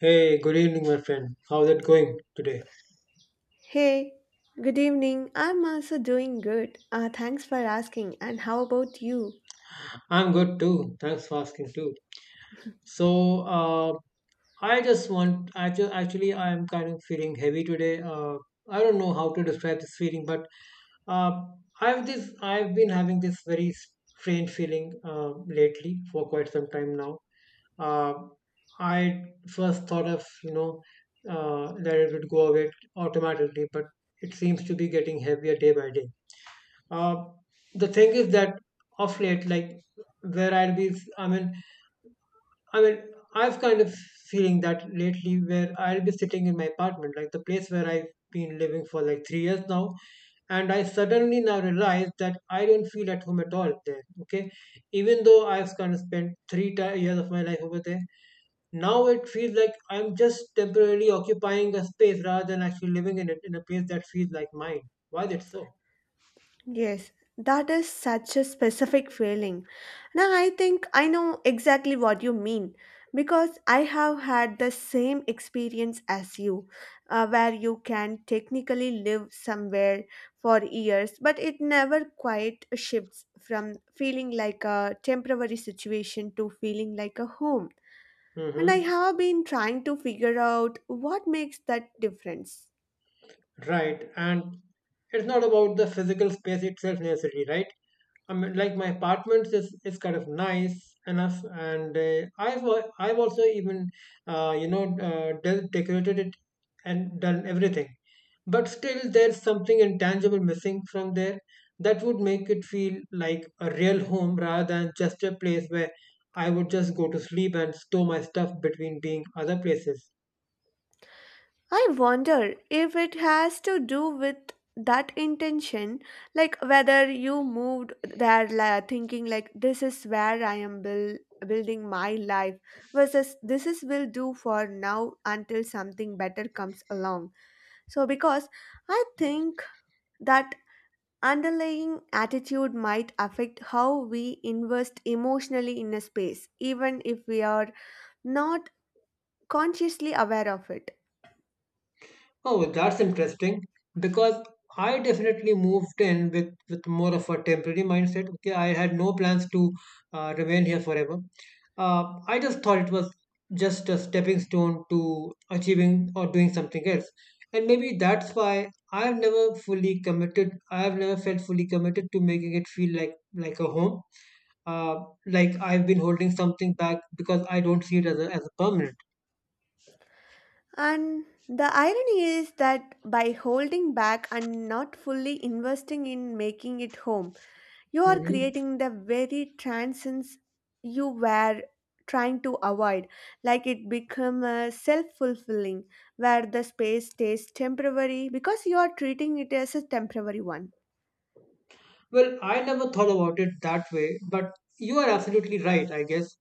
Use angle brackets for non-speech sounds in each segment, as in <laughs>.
Hey, good evening, my friend. How's it going today? Hey, good evening. I'm also doing good. Thanks for asking. And how about you? I'm good too. Thanks for asking too. So, I just want, actually, I am kind of feeling heavy today. I don't know how to describe this feeling, but uh, I've been having this very strange feeling lately for quite some time now. Uh, I first thought of, you know, that it would go away automatically, but it seems to be getting heavier day by day. Uh, the thing is that of late, like where I'll be, I mean, I've kind of feeling that lately where I'll be sitting in my apartment, like the place where I've been living for like 3 years now, and I suddenly now realize that I don't feel at home at all there. Okay, even though I've kind of spent three ti years of my life over there, now it feels like I'm just temporarily occupying a space rather than actually living in it in a place that feels like mine. Why is it so? Yes, that is such a specific feeling. Now, I think I know exactly what you mean because I have had the same experience as you, where you can technically live somewhere for years, but it never quite shifts from feeling like a temporary situation to feeling like a home. And I Mm-hmm. have been trying to figure out what makes that difference. Right. And it's not about the physical space itself necessarily, right? I mean, like my apartments is kind of nice enough, and I've also even decorated it and done everything, but still there's something intangible missing from there that would make it feel like a real home rather than just a place where I would just go to sleep and store my stuff between being other places. I wonder if it has to do with that intention, like whether you moved there thinking like this is where I am building my life versus this is will do for now until something better comes along. So because I think that underlying attitude might affect how we invest emotionally in a space even if we are not consciously aware of it. Oh, that's interesting because I definitely moved in with, more of a temporary mindset. Okay, I had no plans to remain here forever. I just thought it was just a stepping stone to achieving or doing something else. And maybe that's why I've never felt fully committed to making it feel like a home. Uh, like I've been holding something back because I don't see it as as a permanent. And the irony is that by holding back and not fully investing in making it home, you are Mhm. creating the very transcends you were trying to avoid. Like it become a self-fulfilling where the space stays temporary because you are treating it as a temporary one. Well, I never thought about it that way, but you are absolutely right, I guess.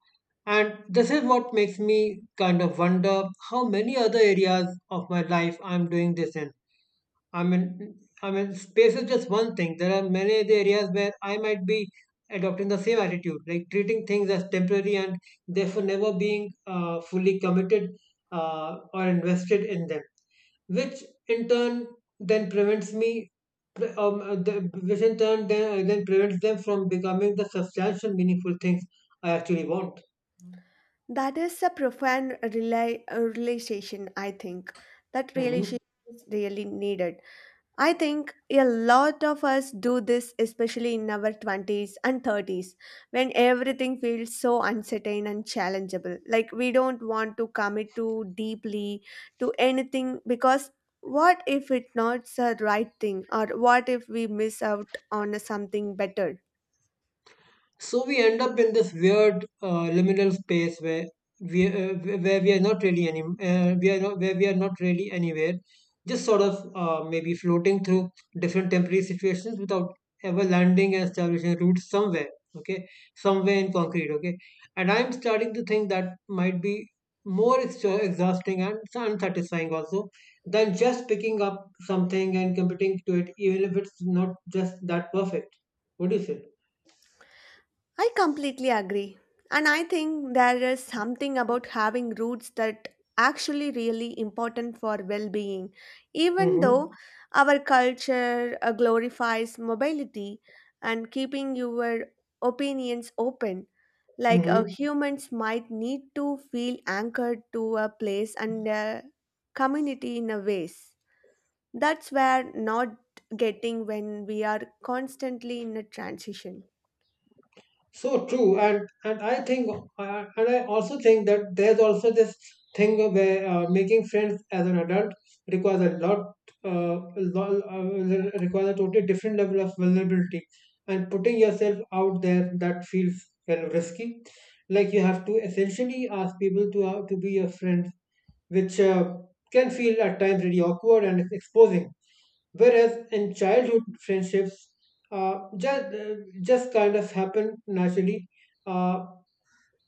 And this is what makes me kind of wonder how many other areas of my life I'm doing this in. I mean, space is just one thing. There are many other areas where I might be adopting the same attitude, like treating things as temporary and therefore never being fully committed or invested in them, which in turn then prevents me, which in turn then prevents them from becoming the substantial, meaningful things I actually want. That is a profound realization, I think. That realization Hmm. is really needed. I think a lot of us do this, especially in our 20s and 30s, when everything feels so uncertain and challengeable. Like we don't want to commit too deeply to anything because what if it's not the right thing, or what if we miss out on something better? So we end up in this weird liminal space where we are not really any we are not where we are not really anywhere, just sort of maybe floating through different temporary situations without ever landing and establishing roots somewhere. Okay, somewhere in concrete. Okay, and I'm starting to think that might be more exhausting and unsatisfying also than just picking up something and committing to it, even if it's not just that perfect. What do you say? I completely agree. And I think there is something about having roots that actually really important for well-being. Even though Mm-hmm. our culture glorifies mobility and keeping your opinions open, like Hmm. Humans might need to feel anchored to a place and a community in a ways. That's where not getting when we are constantly in a transition. So true, and I think, and I also think that there's also this thing where making friends as an adult requires a lot, uh, requires a totally different level of vulnerability, and putting yourself out there that feels kind of risky. Like you have to essentially ask people to be your friends, which can feel at times really awkward and exposing. Whereas in childhood friendships, uh, just just kind of happen naturally uh,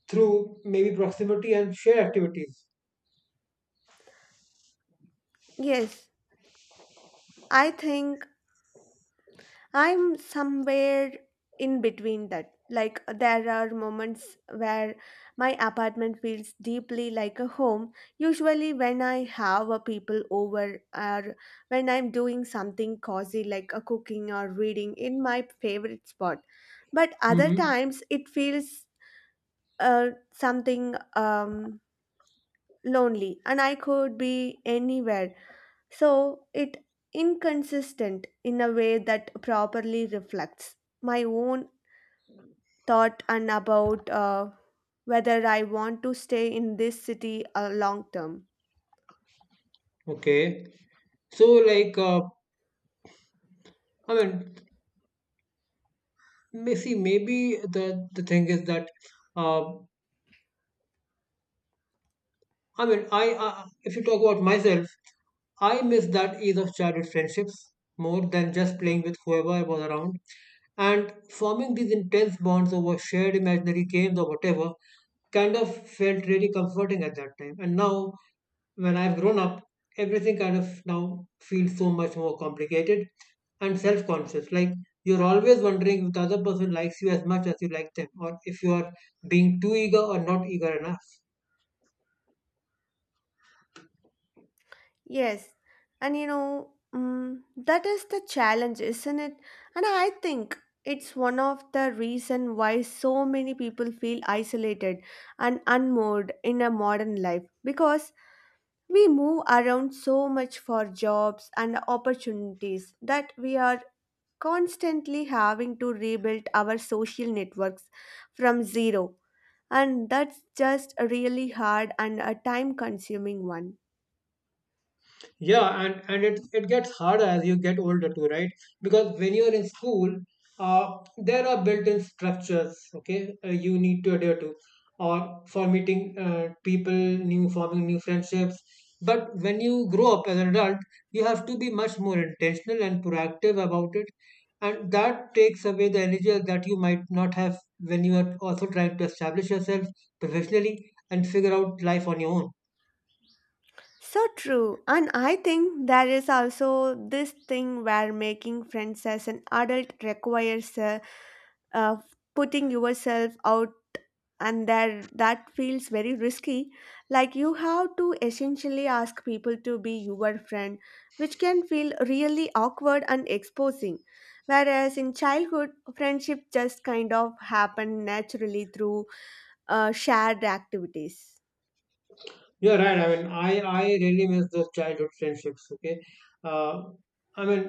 through maybe proximity and shared activities. Yes, I think I'm somewhere in between that. Like, there are moments where my apartment feels deeply like a home, usually when I have a people over or when I'm doing something cozy like a cooking or reading in my favorite spot. But other Mm-hmm. times it feels something lonely and I could be anywhere so it inconsistent in a way that properly reflects my own thought and about whether I want to stay in this city long term. Okay. So, like, I mean, maybe the thing is that, uh, I mean, I if you talk about myself, I miss that ease of childhood friendships more than just playing with whoever was around. And forming these intense bonds over shared imaginary games or whatever kind of felt really comforting at that time. And now, when I've grown up, everything kind of now feels so much more complicated and self conscious. Like you're always wondering if the other person likes you as much as you like them, or if you are being too eager or not eager enough. Yes, and you know, that is the challenge, isn't it? And I think it's one of the reason why so many people feel isolated and unmoored in a modern life because we move around so much for jobs and opportunities that we are constantly having to rebuild our social networks from zero. And that's just a really hard and a time consuming one. Yeah, and it gets harder as you get older too, right? Because when you're in school, there are built-in structures. Okay, you need to adhere to, or for meeting people, new forming new friendships. But when you grow up as an adult, you have to be much more intentional and proactive about it, and that takes away the energy that you might not have when you are also trying to establish yourself professionally and figure out life on your own. So true. And I think there is also this thing where making friends as an adult requires a uh, putting yourself out and that feels very risky, like you have to essentially ask people to be your friend, which can feel really awkward and exposing, whereas in childhood friendship just kind of happened naturally through shared activities. You're right. I mean, I really miss those childhood friendships. Okay, uh, I mean,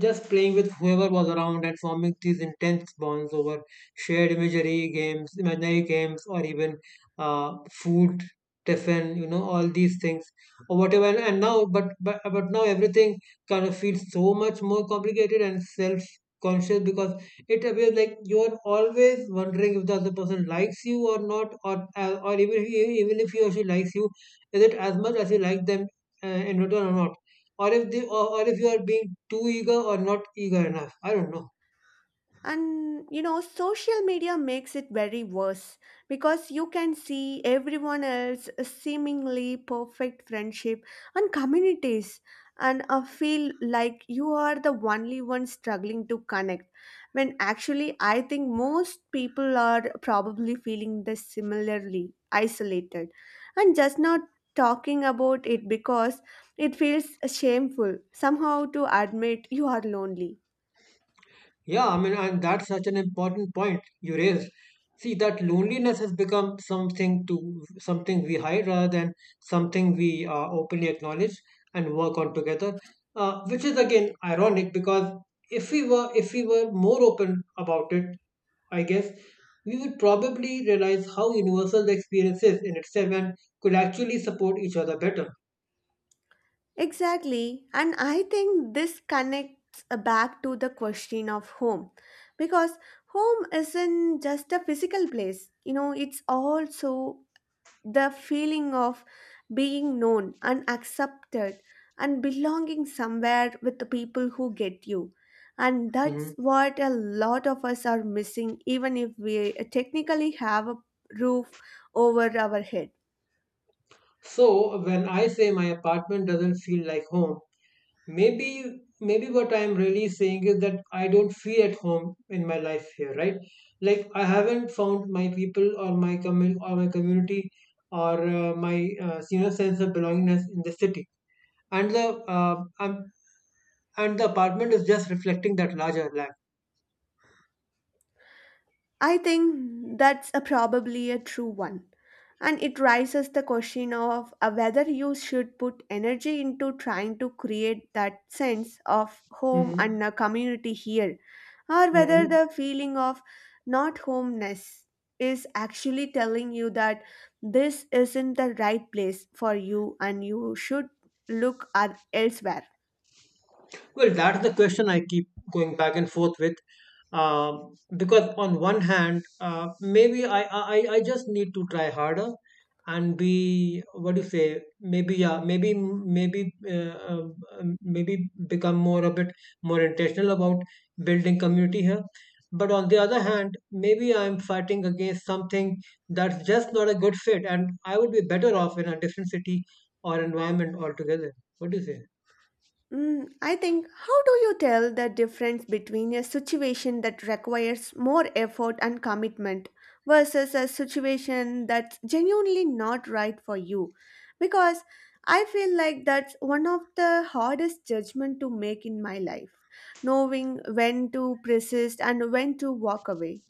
just playing with whoever was around and forming these intense bonds over imaginary games, or even food, tiffin. You know, all these things or whatever. And now, but now everything kind of feels so much more complicated and self conscious because it appears like you're always wondering if the other person likes you or not or even if he or she likes you, is it as much as you like them in return or not or if they or if you are being too eager or not eager enough. I don't know. And you know, social media makes it very worse because you can see everyone else seemingly perfect friendship and communities and feel like you are the only one struggling to connect when actually I think most people are probably feeling this similarly isolated and just not talking about it because it feels shameful somehow to admit you are lonely. Yeah, I mean, and that's such an important point you raised. See, that loneliness has become something we hide rather than something we openly acknowledge and work on together. Which is again ironic because if we were more open about it, I guess we would probably realize how universal the experience is in itself and could actually support each other better. Exactly. And I think this connects back to the question of home because home isn't just a physical place, you know, it's also the feeling of being known and accepted and belonging somewhere with the people who get you. And that's Mhm. what a lot of us are missing, even if we technically have a roof over our head. So when I say my apartment doesn't feel like home, maybe what I'm really saying is that I don't feel at home in my life here, right? Like I haven't found my people or or my community or my sense of belongingness in the city and the uh, um, and the apartment is just reflecting that larger life. I think that's a probably a true one. And it raises the question of whether you should put energy into trying to create that sense of home Mm-hmm. and a community here, or whether Mm-hmm. the feeling of not homeness is actually telling you that this isn't the right place for you and you should look at elsewhere. Well, that's the question I keep going back and forth with. Because on one hand, maybe I just need to try harder and be what do you say? Maybe, yeah, maybe uh, um, maybe become more a bit more intentional about building community here. But on the other hand, maybe I'm fighting against something that's just not a good fit, and I would be better off in a different city or environment altogether. What do you say? I think, how do you tell the difference between a situation that requires more effort and commitment versus a situation that's genuinely not right for you? Because I feel like that's one of the hardest judgment to make in my life, knowing when to persist and when to walk away.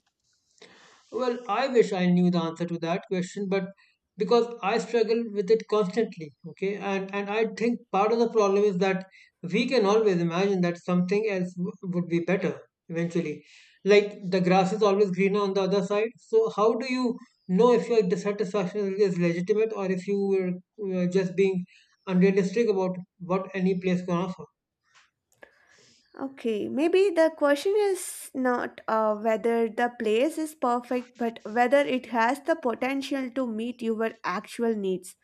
Well, I wish I knew the answer to that question, but because I struggle with it constantly, okay, and I think part of the problem is that we can always imagine that something else would be better eventually. Like the grass is always greener on the other side. So how do you know if your dissatisfaction is legitimate or if you were just being unrealistic about what any place can offer? Okay, maybe the question is not whether the place is perfect, but whether it has the potential to meet your actual needs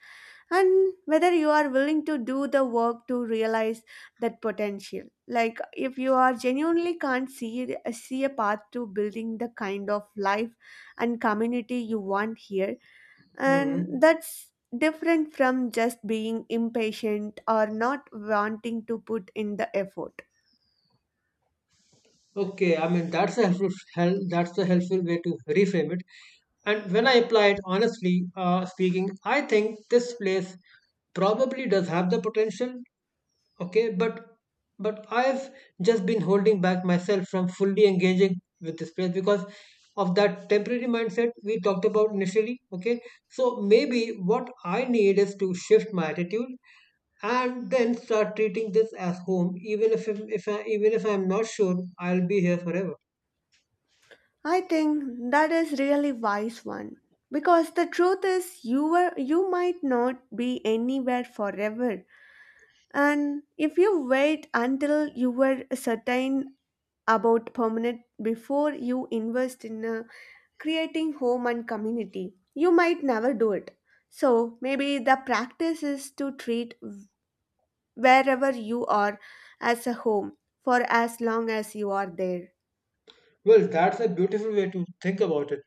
and whether you are willing to do the work to realize that potential, like if you are genuinely can't see a path to building the kind of life and community you want here, and Hmm. that's different from just being impatient or not wanting to put in the effort. Okay, I mean that's a that's a helpful way to reframe it. And when I apply it honestly speaking, I think this place probably does have the potential. Okay, but I've just been holding back myself from fully engaging with this place because of that temporary mindset we talked about initially. Okay, so maybe what I need is to shift my attitude and then start treating this as home, even if I'm not sure I'll be here forever. I think that is really wise one because the truth is you were you might not be anywhere forever. And if you wait until you were certain about permanent before you invest in creating home and community, you might never do it. So maybe the practice is to treat wherever you are as a home for as long as you are there. Well, that's a beautiful way to think about it,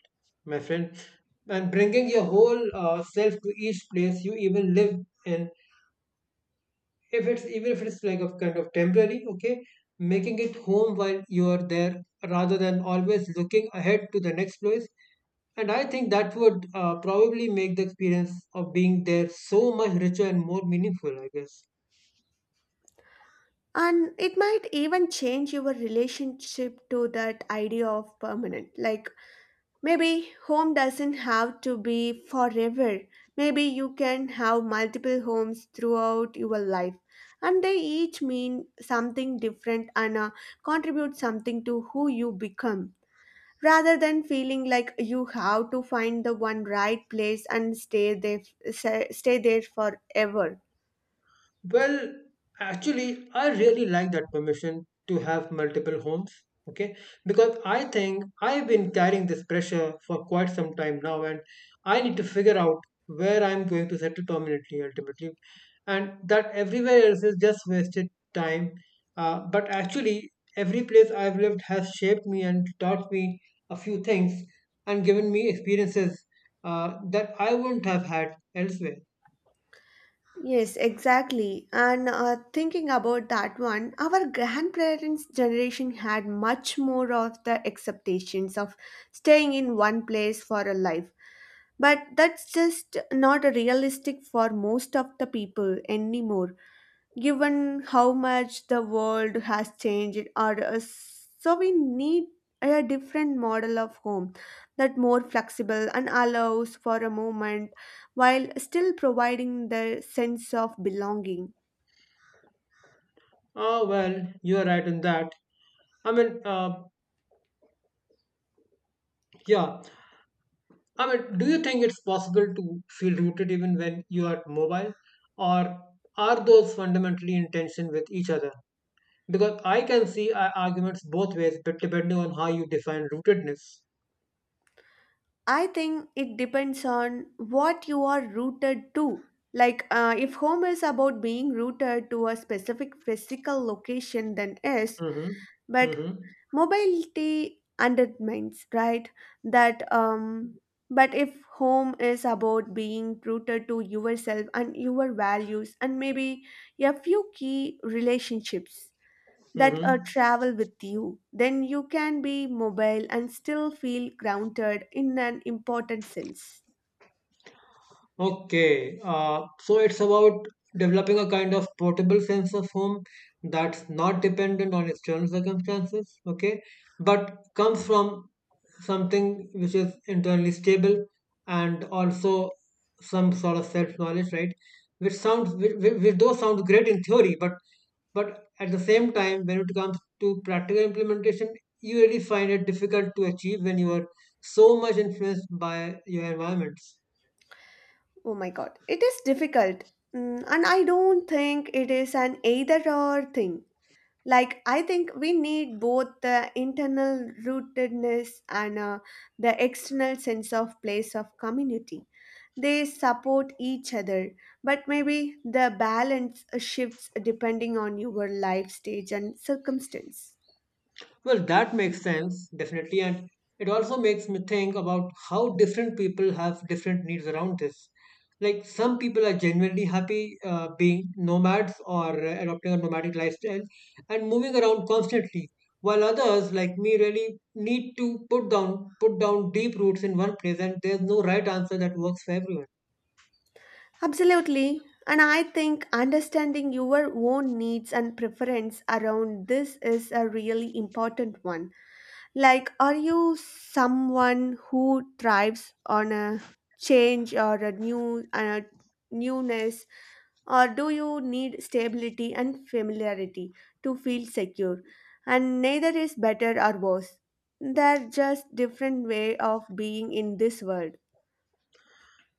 my friend. And bringing your whole self to each place you even live in, if it's even if it's like a kind of temporary, okay, making it home while you are there rather than always looking ahead to the next place. And I think that would probably make the experience of being there so much richer and more meaningful, I guess. And it might even change your relationship to that idea of permanent. Like maybe home doesn't have to be forever. Maybe you can have multiple homes throughout your life and they each mean something different and contribute something to who you become. Rather than feeling like you have to find the one right place and stay there forever. Well, actually, I really like that permission to have multiple homes. Okay, because I think I've been carrying this pressure for quite some time now, and I need to figure out where I'm going to settle permanently ultimately, and that everywhere else is just wasted time. But actually, every place I've lived has shaped me and taught me a few things and given me experiences that I wouldn't have had elsewhere. Yes, exactly. And thinking about that one, our grandparents' generation had much more of the expectations of staying in one place for a life. But that's just not realistic for most of the people anymore given how much the world has changed or so we need a different model of home that more flexible and allows for a moment while still providing the sense of belonging. Oh, well, you're right in that. I mean, yeah. I mean, do you think it's possible to feel rooted even when you are mobile, or are those fundamentally in tension with each other? Because I can see arguments both ways, but depending on how you define rootedness. I think it depends on what you are rooted to, like if home is about being rooted to a specific physical location, then yes, Mm-hmm. but Mm-hmm. mobility undermines, right? that But if home is about being rooted to yourself and your values and maybe a few key relationships that Mm-hmm. travel with you, then you can be mobile and still feel grounded in an important sense. Okay, so it's about developing a kind of portable sense of home that's not dependent on external circumstances, okay, but comes from something which is internally stable and also some sort of self-knowledge, right? Which those sound great in theory, but at the same time, when it comes to practical implementation, you really find it difficult to achieve when you are so much influenced by your environments. Oh my god, it is difficult. And I don't think it is an either or thing. Like I think we need both the internal rootedness and the external sense of place of community. They support each other, but maybe the balance shifts depending on your life stage and circumstance. Well, that makes sense, definitely. And it also makes me think about how different people have different needs around this. Like, some people are genuinely happy being nomads or adopting a nomadic lifestyle and moving around constantly, while others, like me, really need to put down deep roots in one place, and there's no right answer that works for everyone. Absolutely. And I think understanding your own needs and preference around this is a really important one. Like, are you someone who thrives on a change or a new and a newness, or do you need stability and familiarity to feel secure? And neither is better or worse. They're just different way of being in this world.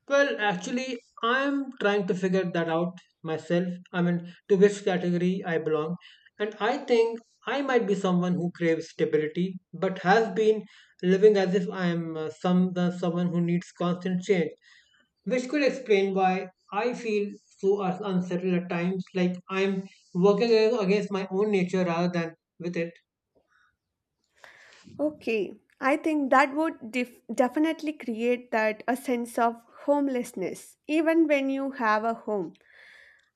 Well, actually, I'm trying to figure that out myself. I mean, to which category I belong. And I think I might be someone who craves stability, but has been living as if I am someone who needs constant change, which could explain why I feel so unsettled at times, like I'm working against my own nature rather than with it. Okay, I think that would definitely create that a sense of homelessness, even when you have a home.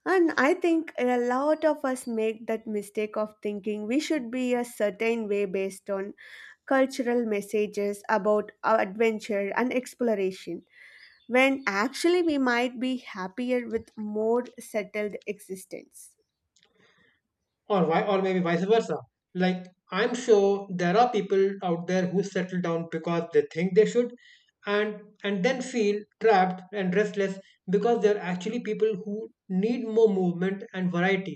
And I think a lot of us make that mistake of thinking we should be a certain way based on cultural messages about our adventure and exploration, when actually we might be happier with more settled existence. Or maybe vice versa. Like, I'm sure there are people out there who settle down because they think they should, and then feel trapped and restless because they are actually people who need more movement and variety.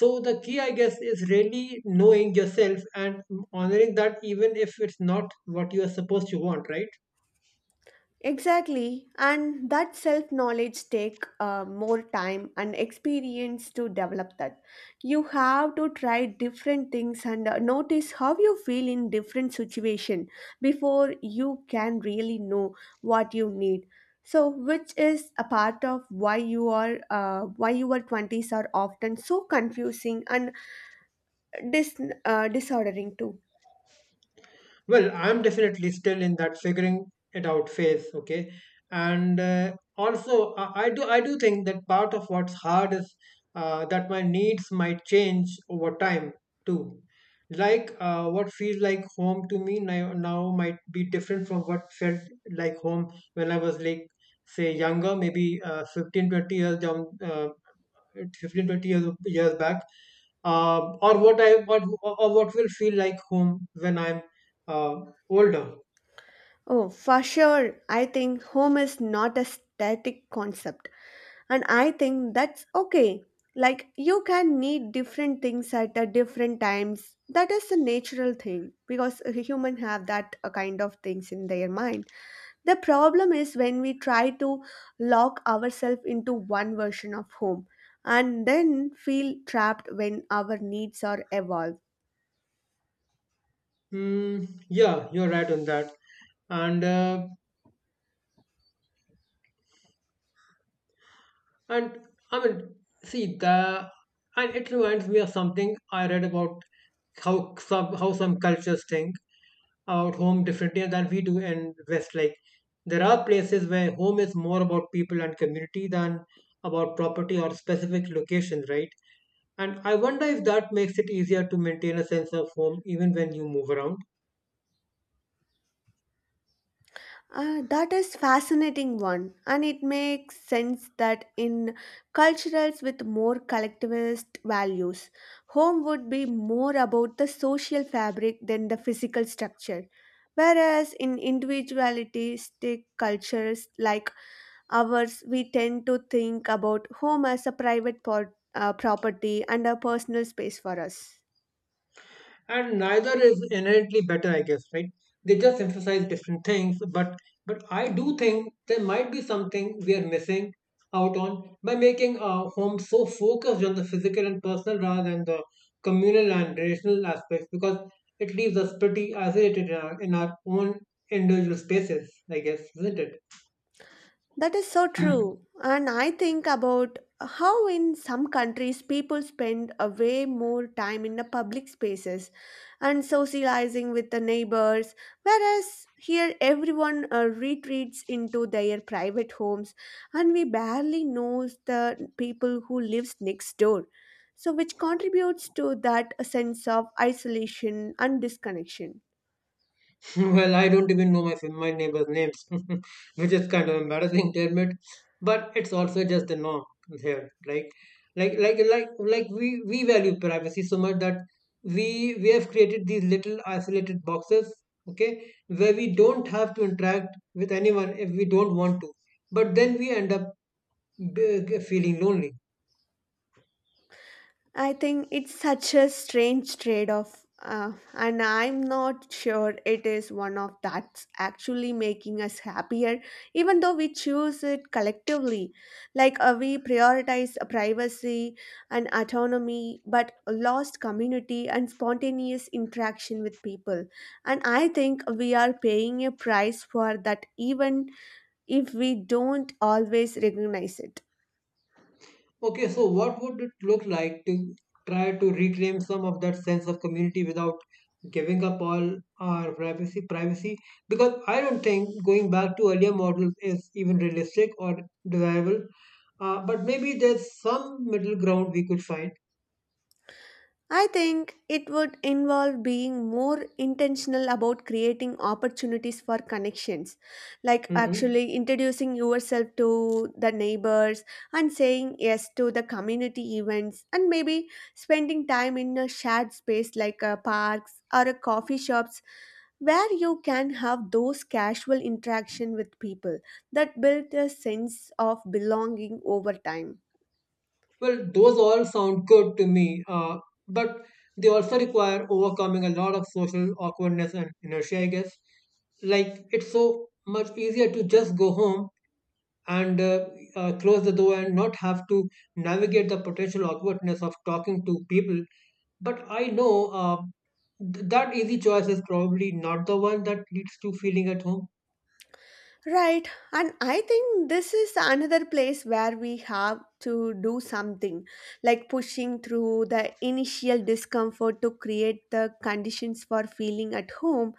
So the key, I guess, is really knowing yourself and honoring that, even if it's not what you are supposed to want, right? Exactly, and that self knowledge take more time and experience to develop that. You have to try different things and notice how you feel in different situation before you can really know what you need. So, which is a part of why you are why your twenties are often so confusing and dis disordering too. Well, I'm definitely still in that figuring it out phase, okay? And also, I do think that part of what's hard is that my needs might change over time too. Like, what feels like home to me now might be different from what felt like home when I was, like, say, younger, maybe uh, 15, twenty years down uh, fifteen 20 years back, or what will feel like home when I'm uh, older. Oh, for sure, I think home is not a static concept, and I think that's okay. Like you can need different things at a different times. That is a natural thing because humans have that kind of things in their mind. The problem is when we try to lock ourselves into one version of home and then feel trapped when our needs are evolved. Mm, yeah, you're right on that. And uh, and I mean, see the and it reminds me of something I read about how some cultures think about home differently than we do in West. Like, there are places where home is more about people and community than about property or specific locations, right? And I wonder if that makes it easier to maintain a sense of home even when you move around. That is fascinating one, and it makes sense that in cultures with more collectivist values, home would be more about the social fabric than the physical structure, whereas in individualistic cultures like ours we tend to think about home as a property and a personal space for us. And neither is inherently better, I guess, right? They just emphasize different things, but I do think there might be something we are missing out on by making our home so focused on the physical and personal rather than the communal and relational aspects, because it leaves us pretty isolated in our own individual spaces, I guess, isn't it? That is so true. And I think about how in some countries people spend a way more time in the public spaces and socializing with the neighbors, whereas here everyone retreats into their private homes and we barely know the people who lives next door. So which contributes to that sense of isolation and disconnection. <laughs> Well, I don't even know my neighbors' names, <laughs> which is kind of embarrassing to admit, but it's also just the norm here. Like, we value privacy so much that we have created these little isolated boxes, okay, where we don't have to interact with anyone if we don't want to. But then we end up feeling lonely. I think it's such a strange trade off, and I'm not sure it is one of that's actually making us happier, even though we choose it collectively. Like we prioritize privacy and autonomy, but lost community and spontaneous interaction with people. And I think we are paying a price for that, even if we don't always recognize it. Okay, so what would it look like to try to reclaim some of that sense of community without giving up all our privacy? Because I don't think going back to earlier models is even realistic or desirable. But maybe there's some middle ground we could find. I think it would involve being more intentional about creating opportunities for connections, like Hmm. actually introducing yourself to the neighbors and saying yes to the community events, and maybe spending time in a shared space like a parks or a coffee shops where you can have those casual interaction with people that build a sense of belonging over time. Well, those all sound good to me, but they also require overcoming a lot of social awkwardness and inertia, I guess. Like, it's so much easier to just go home and close the door and not have to navigate the potential awkwardness of talking to people. But I know that easy choice is probably not the one that leads to feeling at home. Right, and I think this is another place where we have to do something, like pushing through the initial discomfort to create the conditions for feeling at home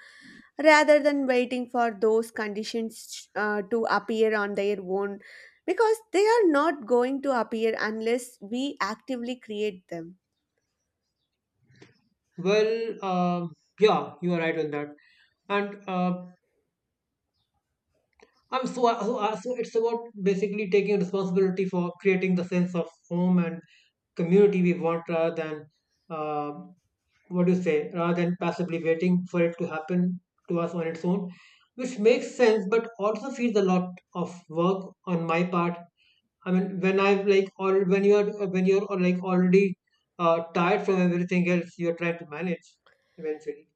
rather than waiting for those conditions to appear on their own, because they are not going to appear unless we actively create them. Well, yeah, you are right on that. And so it's about basically taking responsibility for creating the sense of home and community we want rather than, uh, what do you say, rather than passively waiting for it to happen to us on its own, which makes sense but also feels a lot of work on my part. I mean, when I've like, or when you're or like already tired from everything else, you're trying to manage eventually.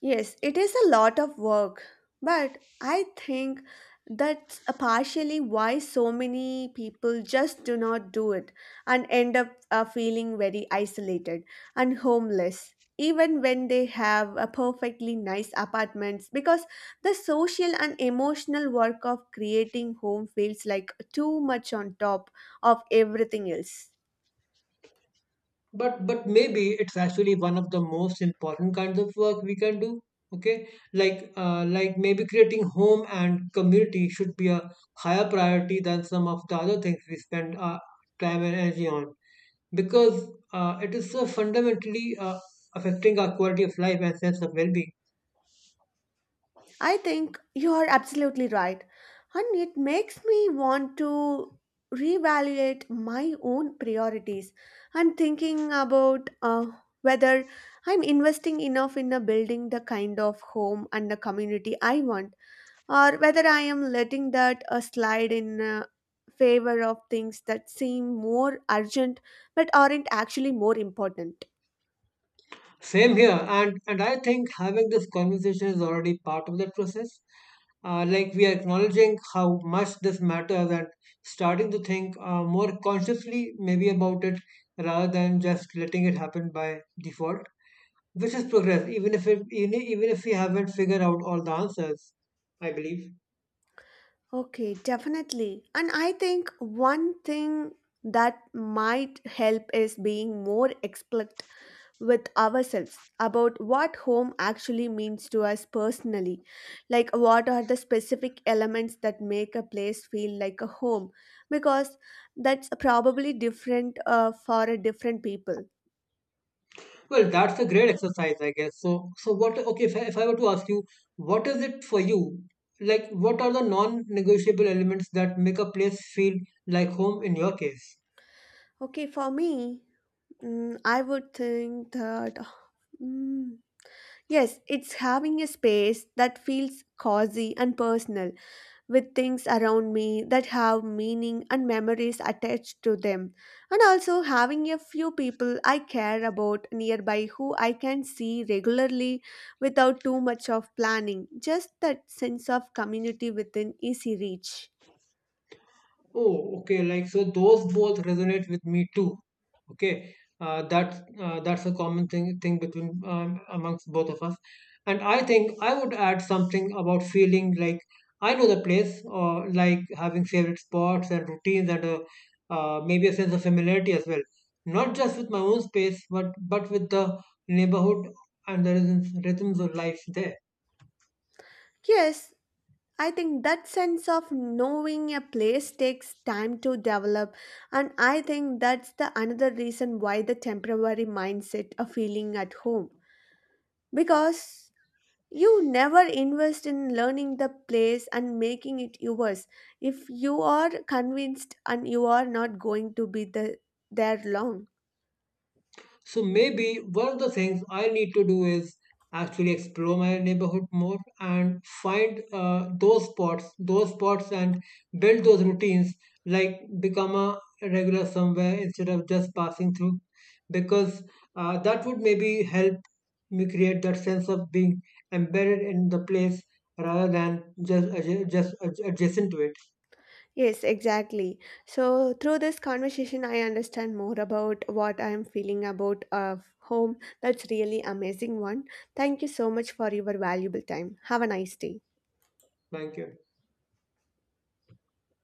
Yes, it is a lot of work, but I think that's a partially why so many people just do not do it and end up feeling very isolated and homeless, even when they have a perfectly nice apartments because the social and emotional work of creating home feels like too much on top of everything else. But maybe it's actually one of the most important kinds of work we can do, okay? Like, like maybe creating home and community should be a higher priority than some of the other things we spend our time and energy on, because it is so fundamentally affecting our quality of life and sense of well-being. I think you are absolutely right. And it makes me want to reevaluate my own priorities. I'm thinking about whether I'm investing enough in building the kind of home and the community I want, or whether I am letting that slide in favor of things that seem more urgent but aren't actually more important. Same here, and I think having this conversation is already part of that process. Like, we are acknowledging how much this matters and starting to think more consciously, maybe, about it rather than just letting it happen by default, which is progress, even if we haven't figured out all the answers, I believe. Okay, definitely. And I think one thing that might help is being more explicit with ourselves about what home actually means to us personally. Like, what are the specific elements that make a place feel like a home? Because that's probably different for a different people. Well, that's a great exercise, I guess. So, what? Okay, if I were to ask you, what is it for you? Like, what are the non-negotiable elements that make a place feel like home in your case? Okay, for me, I would think that. mm, Yes, it's having a space that feels cozy and personal with things around me that have meaning and memories attached to them. And also having a few people I care about nearby who I can see regularly without too much of planning. Just that sense of community within easy reach. Oh, okay. Like, so those both resonate with me too. Okay, that's a common thing between amongst both of us. And I think I would add something about feeling like I know the place, or like having favorite spots and routines, and maybe a sense of familiarity as well. Not just with my own space, but with the neighborhood and the rhythms of life there. Yes, I think that sense of knowing a place takes time to develop, and I think that's the another reason why the temporary mindset of feeling at home because you never invest in learning the place and making it yours if you are convinced and you are not going to be the, there long. So maybe one of the things I need to do is actually explore my neighborhood more and find those spots, and build those routines. Like, become a regular somewhere instead of just passing through, because that would maybe help me create that sense of being embedded in the place rather than just adjacent to it. Yes, exactly. So, through this conversation, I understand more about what I am feeling about home. That's really amazing one. Thank you so much for your valuable time. Have a nice day. Thank you.